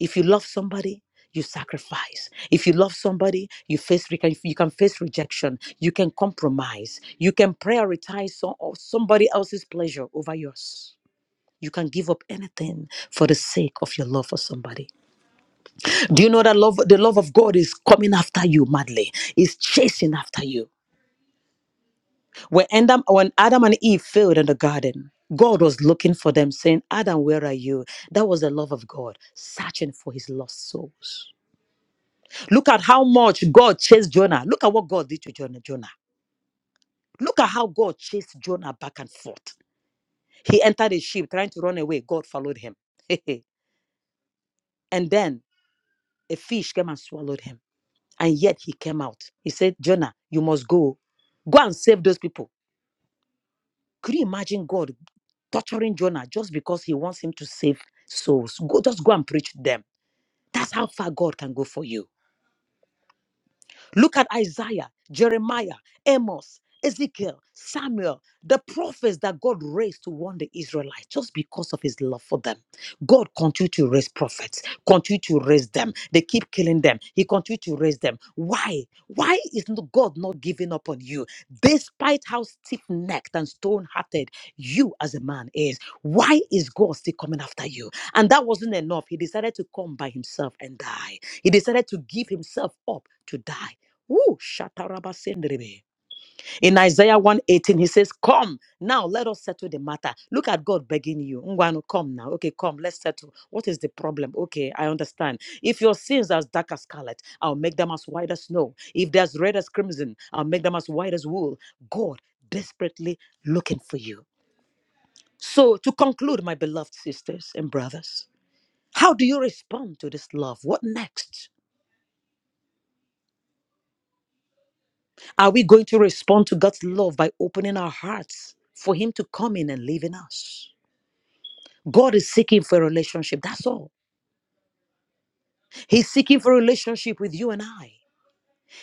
[SPEAKER 8] If you love somebody, you sacrifice. If you love somebody, you face re- you can face rejection. You can compromise. You can prioritize some, or somebody else's pleasure over yours. You can give up anything for the sake of your love for somebody. Do you know that love? The love of God is coming after you madly. Is chasing after you. When Adam, when Adam and Eve failed in the garden, God was looking for them, saying, "Adam, where are you?" That was the love of God searching for His lost souls. Look at how much God chased Jonah. Look at what God did to Jonah. Jonah. Look at how God chased Jonah back and forth. He entered a ship trying to run away. God followed him, and then a fish came and swallowed him. And yet he came out. He said, Jonah, you must go. Go and save those people. Could you imagine God torturing Jonah just because he wants him to save souls? Go, just go and preach to them. That's how far God can go for you. Look at Isaiah, Jeremiah, Amos, Ezekiel, Samuel, the prophets that God raised to warn the Israelites just because of his love for them. God continued to raise prophets, continue to raise them. They keep killing them. He continued to raise them. Why? Why is not God not giving up on you? Despite how stiff-necked and stone-hearted you as a man is, why is God still coming after you? And that wasn't enough. He decided to come by himself and die. He decided to give himself up to die. Woo, shatarabasenderebe. In Isaiah 118, he says, Come now, let us settle the matter. Look at God begging you. Ngwanu, come now. Okay, come, let's settle. What is the problem? Okay, I understand. If your sins are as dark as scarlet, I'll make them as white as snow. If they're as red as crimson, I'll make them as white as wool. God desperately looking for you. So, to conclude, my beloved sisters and brothers, how do you respond to this love? What next? Are we going to respond to God's love by opening our hearts for Him to come in and live in us? God is seeking for a relationship. That's all. He's seeking for a relationship with you and I.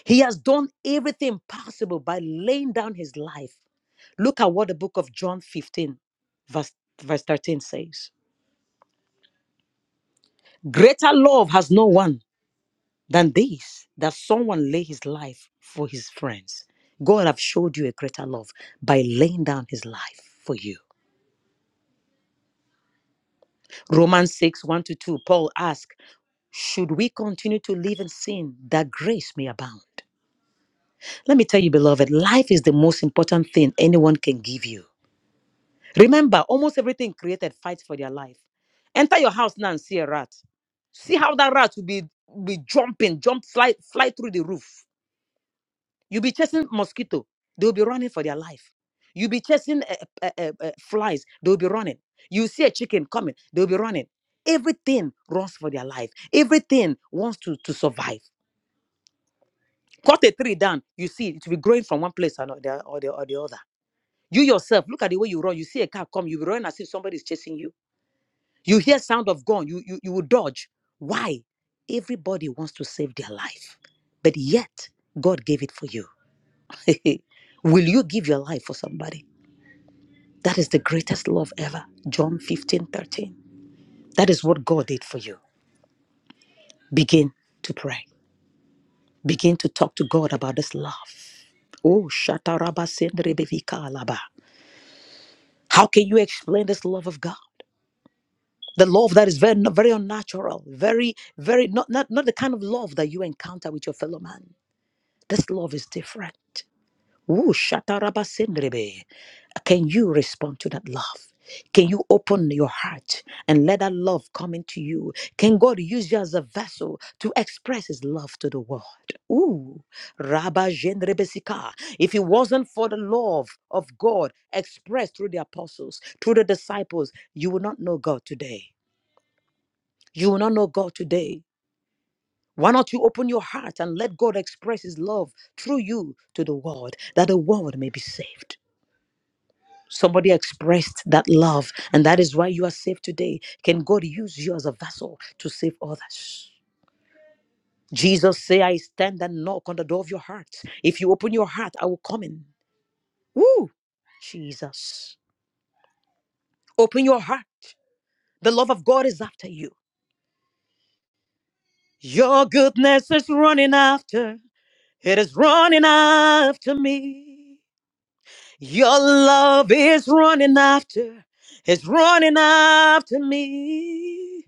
[SPEAKER 8] He has done everything possible by laying down His life. Look at what the book of John 15, verse, verse 13 says Greater love has no one than this, that someone lay his life for his friends. God have showed you a greater love by laying down His life for you. Romans 6 1 to 2, Paul asks, Should we continue to live in sin that grace may abound? Let me tell you, beloved, life is the most important thing anyone can give you. Remember, almost everything created fights for their life. Enter your house now and see a rat. See how that rat will be, be jumping, jump, fly, fly through the roof. You'll be chasing mosquito. They'll be running for their life. You'll be chasing uh, uh, uh, uh, flies. They'll be running. You see a chicken coming. They'll be running. Everything runs for their life. Everything wants to, to survive. Cut a tree down. You see it will be growing from one place or no, the, or, the, or the other. You yourself, look at the way you run. You see a car come. You'll be running as if somebody is chasing you. You hear sound of gun. You, you, you will dodge. Why? Everybody wants to save their life. But yet, God gave it for you. Will you give your life for somebody? That is the greatest love ever. John 15 13. That is what God did for you. Begin to pray. Begin to talk to God about this love. Oh, shataraba sendrebevika alaba. How can you explain this love of God? The love that is very, very unnatural, very, very not, not, not the kind of love that you encounter with your fellow man. This love is different. Woo, shatarabasengrebe. Can you respond to that love? Can you open your heart and let that love come into you? Can God use you as a vessel to express His love to the world? Ooh, Rabba Jendrebesika. If it wasn't for the love of God expressed through the apostles, through the disciples, you will not know God today. You will not know God today. Why not you open your heart and let God express His love through you to the world, that the world may be saved? Somebody expressed that love, and that is why you are saved today. Can God use you as a vessel to save others? Jesus say, I stand and knock on the door of your heart. If you open your heart, I will come in. Woo! Jesus. Open your heart. The love of God is after you. Your goodness is running after. It is running after me. Your love is running after, it's running after me.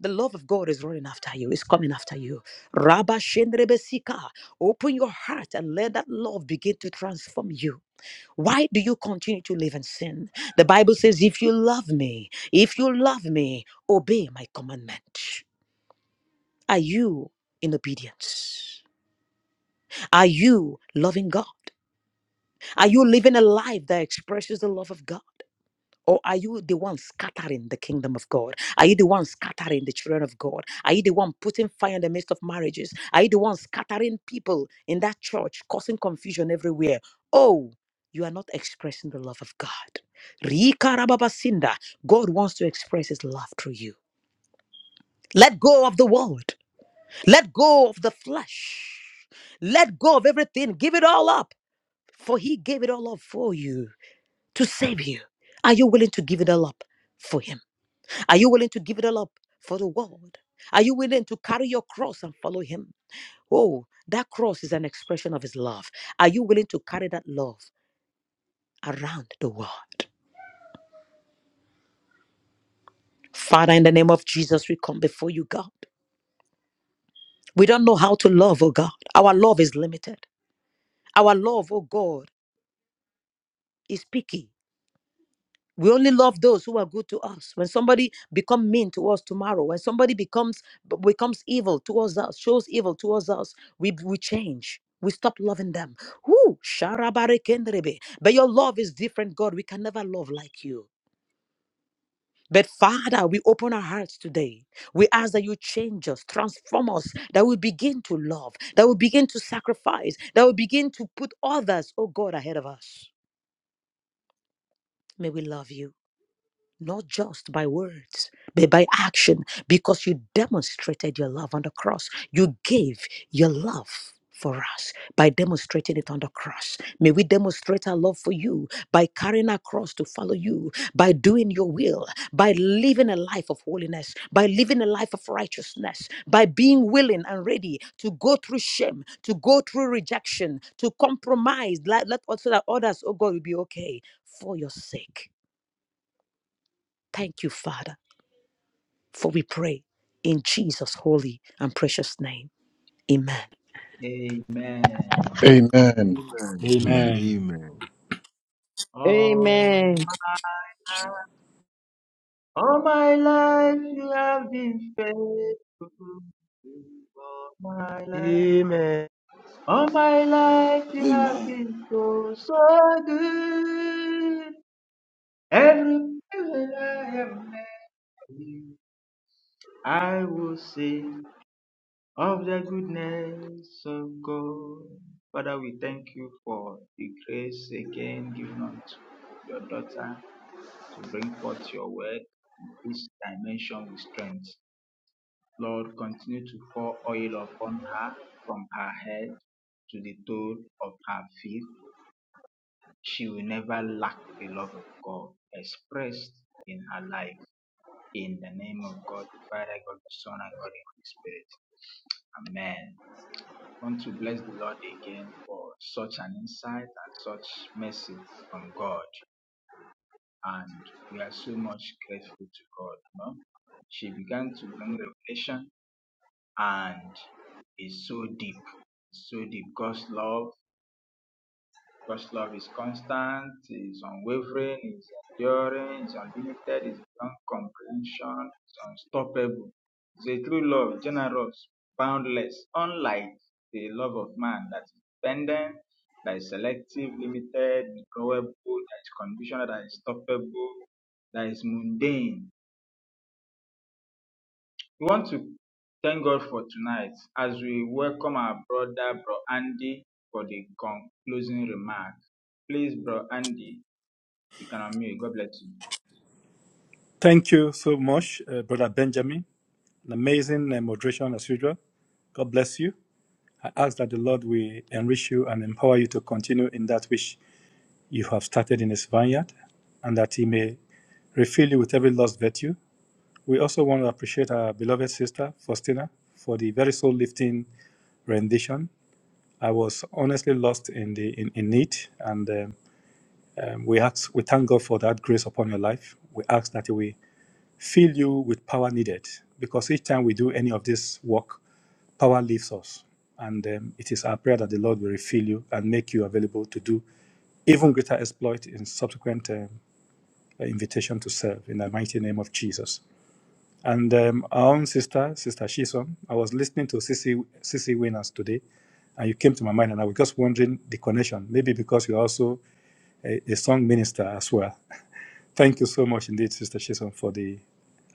[SPEAKER 8] The love of God is running after you, it's coming after you. Rabba Shendrebesika, open your heart and let that love begin to transform you. Why do you continue to live in sin? The Bible says, If you love me, if you love me, obey my commandment. Are you in obedience? Are you loving God? Are you living a life that expresses the love of God? Or are you the one scattering the kingdom of God? Are you the one scattering the children of God? Are you the one putting fire in the midst of marriages? Are you the one scattering people in that church, causing confusion everywhere? Oh, you are not expressing the love of God. Rika rababasinda. God wants to express his love through you. Let go of the world. Let go of the flesh. Let go of everything. Give it all up. For he gave it all up for you to save you. Are you willing to give it all up for him? Are you willing to give it all up for the world? Are you willing to carry your cross and follow him? Oh, that cross is an expression of his love. Are you willing to carry that love around the world? Father, in the name of Jesus, we come before you, God. We don't know how to love, oh God. Our love is limited. Our love, oh God, is picky. we only love those who are good to us when somebody become mean to us tomorrow when somebody becomes b- becomes evil towards us shows evil towards us we we change we stop loving them Whoo, sharabarekendrebe. but your love is different god we can never love like you but Father, we open our hearts today. We ask that you change us, transform us, that we begin to love, that we begin to sacrifice, that we begin to put others, oh God, ahead of us. May we love you. not just by words, but by action, because you demonstrated your love on the cross. You gave your love for us by demonstrating it on the cross. May we demonstrate our love for you by carrying our cross to follow you, by doing your will, by living a life of holiness, by living a life of righteousness, by being willing and ready to go through shame, to go through rejection, to compromise, let, let also that others, oh God, will be okay for your sake. Thank you, Father. For we pray in Jesus' holy and precious name. Amen.
[SPEAKER 1] you. Amen.
[SPEAKER 2] Amen.
[SPEAKER 3] Amen.
[SPEAKER 2] Amen.
[SPEAKER 9] Amen.
[SPEAKER 3] Amen.
[SPEAKER 1] Oh,
[SPEAKER 10] Amen.
[SPEAKER 1] my All my life you have been faithful. All my life,
[SPEAKER 11] Amen
[SPEAKER 1] all my life you have
[SPEAKER 12] Amen.
[SPEAKER 1] been so so good. Everywhere I am met, you, I will sing of the goodness of God. Father, we thank you for the grace again given unto your daughter to bring forth your word in this dimension with strength. Lord, continue to pour oil upon her from her head to the toe of her feet. She will never lack the love of God expressed in her life. In the name of God, Father, God, Son, and God, the Holy Spirit. Amen. I Want to bless the Lord again for such an insight and such mercy from God. And we are so much grateful to God. No? She began to bring revelation and is so deep, It's so deep. God's love, God's love is constant, is unwavering, is enduring, is unlimited, is beyond comprehension, is unstoppable. It's a true love, generous, boundless, unlike the love of man that is dependent, that is selective, limited, growable, that is conditional, that is stoppable, that is mundane We want to thank God for tonight as we welcome our brother, Bro Andy, for the concluding remarks. Please, Bro Andy, you can unmute. God bless you.
[SPEAKER 9] Thank you so much, uh, Brother Benjamin. An amazing uh, moderation as usual. God bless you. I ask that the Lord will enrich you and empower you to continue in that which you have started in His vineyard, and that He may refill you with every lost virtue. We also want to appreciate our beloved sister, Faustina, for the very soul lifting rendition. I was honestly lost in the in, in need, and um, um, we ask, we thank God for that grace upon your life. We ask that we fill you with power needed because each time we do any of this work, power leaves us. And um, it is our prayer that the Lord will refill you and make you available to do even greater exploit in subsequent um, invitation to serve in the mighty name of Jesus. And um, our own sister, Sister Shison, I was listening to CC, CC Winners today, and you came to my mind, and I was just wondering the connection, maybe because you're also a, a song minister as well. Thank you so much indeed, Sister Chisholm, for the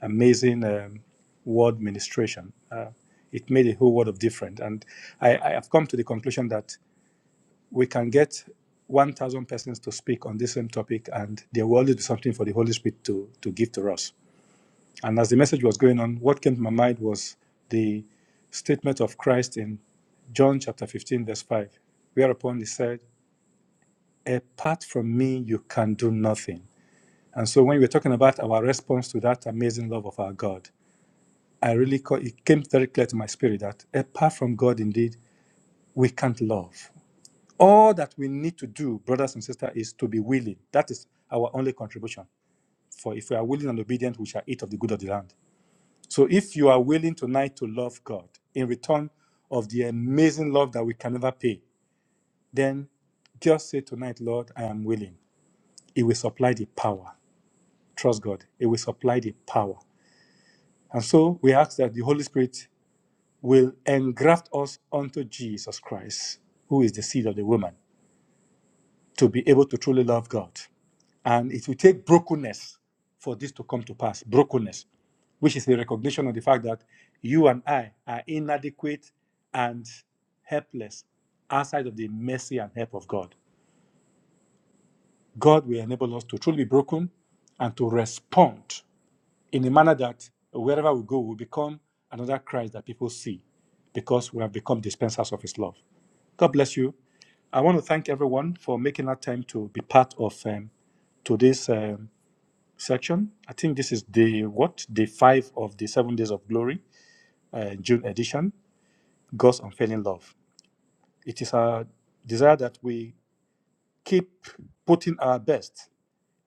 [SPEAKER 9] amazing um, word ministration. Uh, it made a whole world of difference. And I, I have come to the conclusion that we can get 1,000 persons to speak on this same topic, and there will always be something for the Holy Spirit to, to give to us. And as the message was going on, what came to my mind was the statement of Christ in John chapter 15, verse 5, whereupon he said, Apart from me, you can do nothing. And so when we were talking about our response to that amazing love of our God, I really co- it came very clear to my spirit that apart from God, indeed, we can't love. All that we need to do, brothers and sisters, is to be willing. That is our only contribution. For if we are willing and obedient, we shall eat of the good of the land. So if you are willing tonight to love God in return of the amazing love that we can never pay, then just say tonight, Lord, I am willing. It will supply the power. Trust God. It will supply the power And so we ask that the Holy Spirit will engraft us onto Jesus Christ, who is the seed of the woman, to be able to truly love God. And it will take brokenness for this to come to pass brokenness, which is the recognition of the fact that you and I are inadequate and helpless outside of the mercy and help of God. God will enable us to truly be broken and to respond in a manner that wherever we go, we become another Christ that people see because we have become dispensers of his love. God bless you. I want to thank everyone for making that time to be part of um, today's um, section. I think this is the what day five of the seven days of glory, uh, June edition. God's unfailing love. It is our desire that we keep putting our best.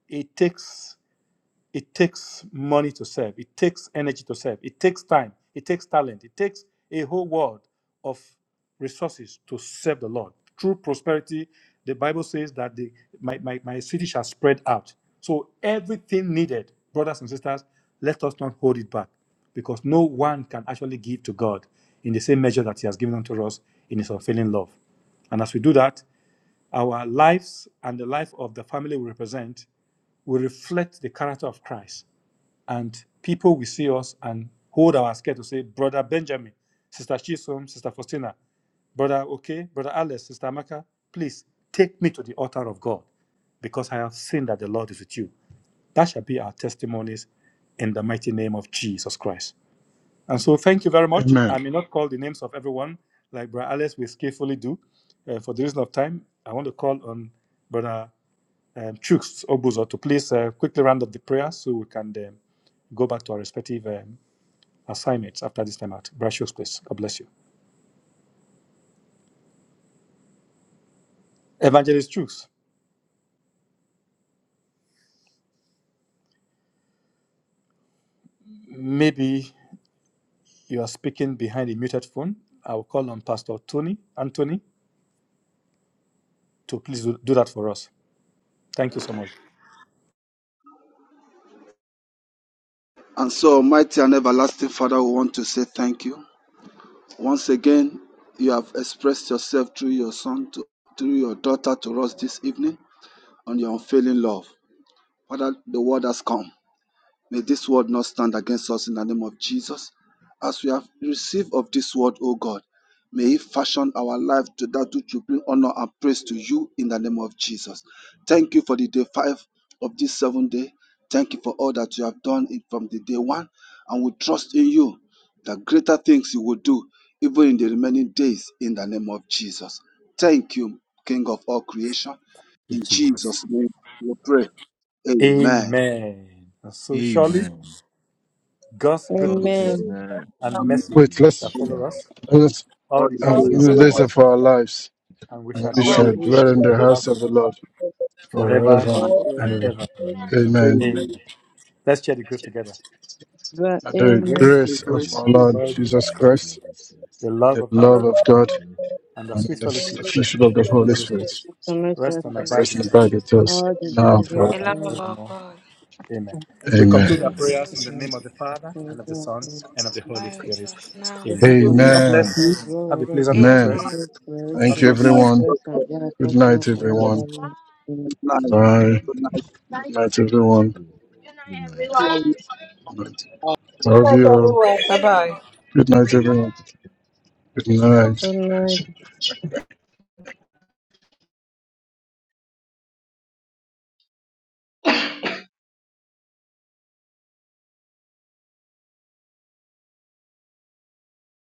[SPEAKER 9] It takes It takes money to serve. It takes energy to serve. It takes time. It takes talent. It takes a whole world of resources to serve the Lord. Through prosperity, the Bible says that the, my, my, my city shall spread out. So everything needed, brothers and sisters, let us not hold it back because no one can actually give to God in the same measure that He has given unto us in His unfailing love. And as we do that, our lives and the life of the family we represent will reflect the character of Christ. And people will see us and hold our scale to say, Brother Benjamin, Sister Chisom, Sister Faustina, Brother Okay, Brother Alice, Sister Amaka, please take me to the altar of God because I have seen that the Lord is with you. That shall be our testimonies in the mighty name of Jesus Christ. And so, thank you very much. I
[SPEAKER 2] Amen.
[SPEAKER 9] may not call the names of everyone like Brother Alice will skillfully do uh, for the reason of time. I want to call on Brother um, Chooks Obuzo to please uh, quickly round up the prayer so we can um, go back to our respective um, assignments after this time out. Brother Chooks, please. God bless you. Evangelist Chooks, maybe you are speaking behind a muted phone. I will call on Pastor Tony, Anthony, to please do do that for us. Thank you so much.
[SPEAKER 12] And so, Almighty and Everlasting Father, we want to say thank you. Once again, you have expressed yourself through your son, to, through your daughter to us this evening on your unfailing love. Father, the word has come. May this word not stand against us in the name of Jesus. As we have received of this word, O God, may it fashion our life to that which will bring honor and praise to you in the name of Jesus. Thank you for the day five of this seven day. Thank you for all that you have done in- from the day one. And we trust in you that greater things you will do even in the remaining days in the name of Jesus. Thank you, King of all creation. In
[SPEAKER 9] Jesus.
[SPEAKER 12] Jesus' name we pray. Amen.
[SPEAKER 9] Amen. And so, surely.
[SPEAKER 3] Amen.
[SPEAKER 9] God's
[SPEAKER 3] God
[SPEAKER 9] goodness
[SPEAKER 10] Amen.
[SPEAKER 3] goodness
[SPEAKER 9] and
[SPEAKER 3] and
[SPEAKER 9] mercy
[SPEAKER 3] mercy
[SPEAKER 2] Wait,
[SPEAKER 9] shall
[SPEAKER 3] shall
[SPEAKER 2] let's
[SPEAKER 9] follow
[SPEAKER 3] follow us
[SPEAKER 9] us
[SPEAKER 2] let's
[SPEAKER 9] all
[SPEAKER 12] all
[SPEAKER 9] the
[SPEAKER 12] the
[SPEAKER 2] um,
[SPEAKER 13] all
[SPEAKER 9] days
[SPEAKER 3] all
[SPEAKER 13] the
[SPEAKER 3] the
[SPEAKER 9] of
[SPEAKER 12] days
[SPEAKER 9] our
[SPEAKER 2] do
[SPEAKER 12] of
[SPEAKER 2] the
[SPEAKER 3] days
[SPEAKER 13] days
[SPEAKER 2] days
[SPEAKER 12] our
[SPEAKER 13] of
[SPEAKER 9] lives,
[SPEAKER 2] of
[SPEAKER 3] of our
[SPEAKER 2] our
[SPEAKER 3] life.
[SPEAKER 2] lives,
[SPEAKER 9] and we shall
[SPEAKER 2] and we
[SPEAKER 13] my
[SPEAKER 12] and
[SPEAKER 9] dwell
[SPEAKER 12] we
[SPEAKER 2] shall
[SPEAKER 13] life,
[SPEAKER 14] We
[SPEAKER 12] shall
[SPEAKER 2] dwell
[SPEAKER 14] shall
[SPEAKER 2] in
[SPEAKER 9] in the
[SPEAKER 2] the
[SPEAKER 12] pray
[SPEAKER 9] house
[SPEAKER 2] house of
[SPEAKER 9] of
[SPEAKER 2] the
[SPEAKER 9] the Lord
[SPEAKER 2] Lord
[SPEAKER 9] forever
[SPEAKER 2] forever
[SPEAKER 12] forever.
[SPEAKER 2] and
[SPEAKER 14] uh,
[SPEAKER 13] Lord,
[SPEAKER 9] and
[SPEAKER 2] ever.
[SPEAKER 3] Thus
[SPEAKER 9] ever.
[SPEAKER 13] and
[SPEAKER 3] and ever.
[SPEAKER 2] Amen.
[SPEAKER 9] Amen.
[SPEAKER 13] we
[SPEAKER 12] Amen.
[SPEAKER 3] Amen.
[SPEAKER 9] Let's share the grace together.
[SPEAKER 10] The
[SPEAKER 2] And
[SPEAKER 9] With the
[SPEAKER 2] the
[SPEAKER 10] amen.
[SPEAKER 9] grace
[SPEAKER 3] The
[SPEAKER 2] grace of
[SPEAKER 14] great
[SPEAKER 3] glory of
[SPEAKER 9] of
[SPEAKER 2] our
[SPEAKER 9] our
[SPEAKER 2] Lord
[SPEAKER 3] the
[SPEAKER 9] Lord
[SPEAKER 3] Lord
[SPEAKER 9] Jesus
[SPEAKER 2] Jesus
[SPEAKER 3] and
[SPEAKER 9] Christ,
[SPEAKER 3] the
[SPEAKER 2] Christ,
[SPEAKER 3] glory of God.
[SPEAKER 9] the love
[SPEAKER 2] the
[SPEAKER 9] of God,
[SPEAKER 2] love of
[SPEAKER 3] And our
[SPEAKER 2] God,
[SPEAKER 3] praise
[SPEAKER 9] and the
[SPEAKER 2] and
[SPEAKER 9] sweet
[SPEAKER 2] the
[SPEAKER 9] fellowship
[SPEAKER 13] understand.
[SPEAKER 2] fellowship of the
[SPEAKER 9] of the
[SPEAKER 2] Holy
[SPEAKER 9] Holy
[SPEAKER 2] Spirit
[SPEAKER 9] Spirit
[SPEAKER 10] So much
[SPEAKER 9] rest
[SPEAKER 10] as
[SPEAKER 9] and
[SPEAKER 10] to
[SPEAKER 9] abide
[SPEAKER 2] rest and
[SPEAKER 9] with us
[SPEAKER 2] abide with us
[SPEAKER 10] all the
[SPEAKER 2] now and
[SPEAKER 10] Jesus
[SPEAKER 9] now
[SPEAKER 15] The
[SPEAKER 2] forever.
[SPEAKER 9] and
[SPEAKER 15] love
[SPEAKER 10] for
[SPEAKER 15] of
[SPEAKER 9] forevermore.
[SPEAKER 15] God,
[SPEAKER 9] Amen.
[SPEAKER 10] the
[SPEAKER 9] We
[SPEAKER 15] the
[SPEAKER 9] conclude
[SPEAKER 2] Amen.
[SPEAKER 15] fellowship
[SPEAKER 9] our
[SPEAKER 10] Lord
[SPEAKER 15] of the
[SPEAKER 3] Amen.
[SPEAKER 10] is
[SPEAKER 9] prayers
[SPEAKER 10] the
[SPEAKER 9] in
[SPEAKER 15] Holy Spirit,
[SPEAKER 9] the
[SPEAKER 10] Lord.
[SPEAKER 9] name of the Father,
[SPEAKER 10] So
[SPEAKER 9] and of the
[SPEAKER 10] God,
[SPEAKER 9] Son, and of
[SPEAKER 15] now
[SPEAKER 9] the Holy
[SPEAKER 10] amen.
[SPEAKER 15] abide with
[SPEAKER 9] Spirit.
[SPEAKER 15] us now
[SPEAKER 10] Just
[SPEAKER 9] Amen.
[SPEAKER 10] as the
[SPEAKER 15] and
[SPEAKER 10] Lord
[SPEAKER 12] Amen.
[SPEAKER 9] God
[SPEAKER 10] Jesus
[SPEAKER 2] Amen.
[SPEAKER 9] bless
[SPEAKER 15] forevermore.
[SPEAKER 9] you.
[SPEAKER 10] Christ,
[SPEAKER 9] Have a
[SPEAKER 10] Lord, Lord,
[SPEAKER 9] pleasant
[SPEAKER 10] the
[SPEAKER 9] night
[SPEAKER 3] Amen.
[SPEAKER 2] Amen.
[SPEAKER 15] Amen.
[SPEAKER 9] rest.
[SPEAKER 10] secret grace,
[SPEAKER 9] God
[SPEAKER 2] Thank you,
[SPEAKER 10] this
[SPEAKER 12] Good
[SPEAKER 9] loves you.
[SPEAKER 12] night.
[SPEAKER 2] everyone.
[SPEAKER 12] God
[SPEAKER 10] and that,
[SPEAKER 2] Good
[SPEAKER 10] that's not
[SPEAKER 2] night,
[SPEAKER 12] bless.
[SPEAKER 2] everyone.
[SPEAKER 10] the end.
[SPEAKER 12] Good night.
[SPEAKER 3] Okay, thank
[SPEAKER 2] Bye.
[SPEAKER 3] you.
[SPEAKER 12] Good night.
[SPEAKER 2] Good night,
[SPEAKER 3] Thank
[SPEAKER 2] everyone.
[SPEAKER 3] you. Good night.
[SPEAKER 2] Love
[SPEAKER 13] Thank
[SPEAKER 2] you. all.
[SPEAKER 13] everyone.
[SPEAKER 8] Bye bye.
[SPEAKER 2] Good night, everyone. Good night.
[SPEAKER 10] Good night.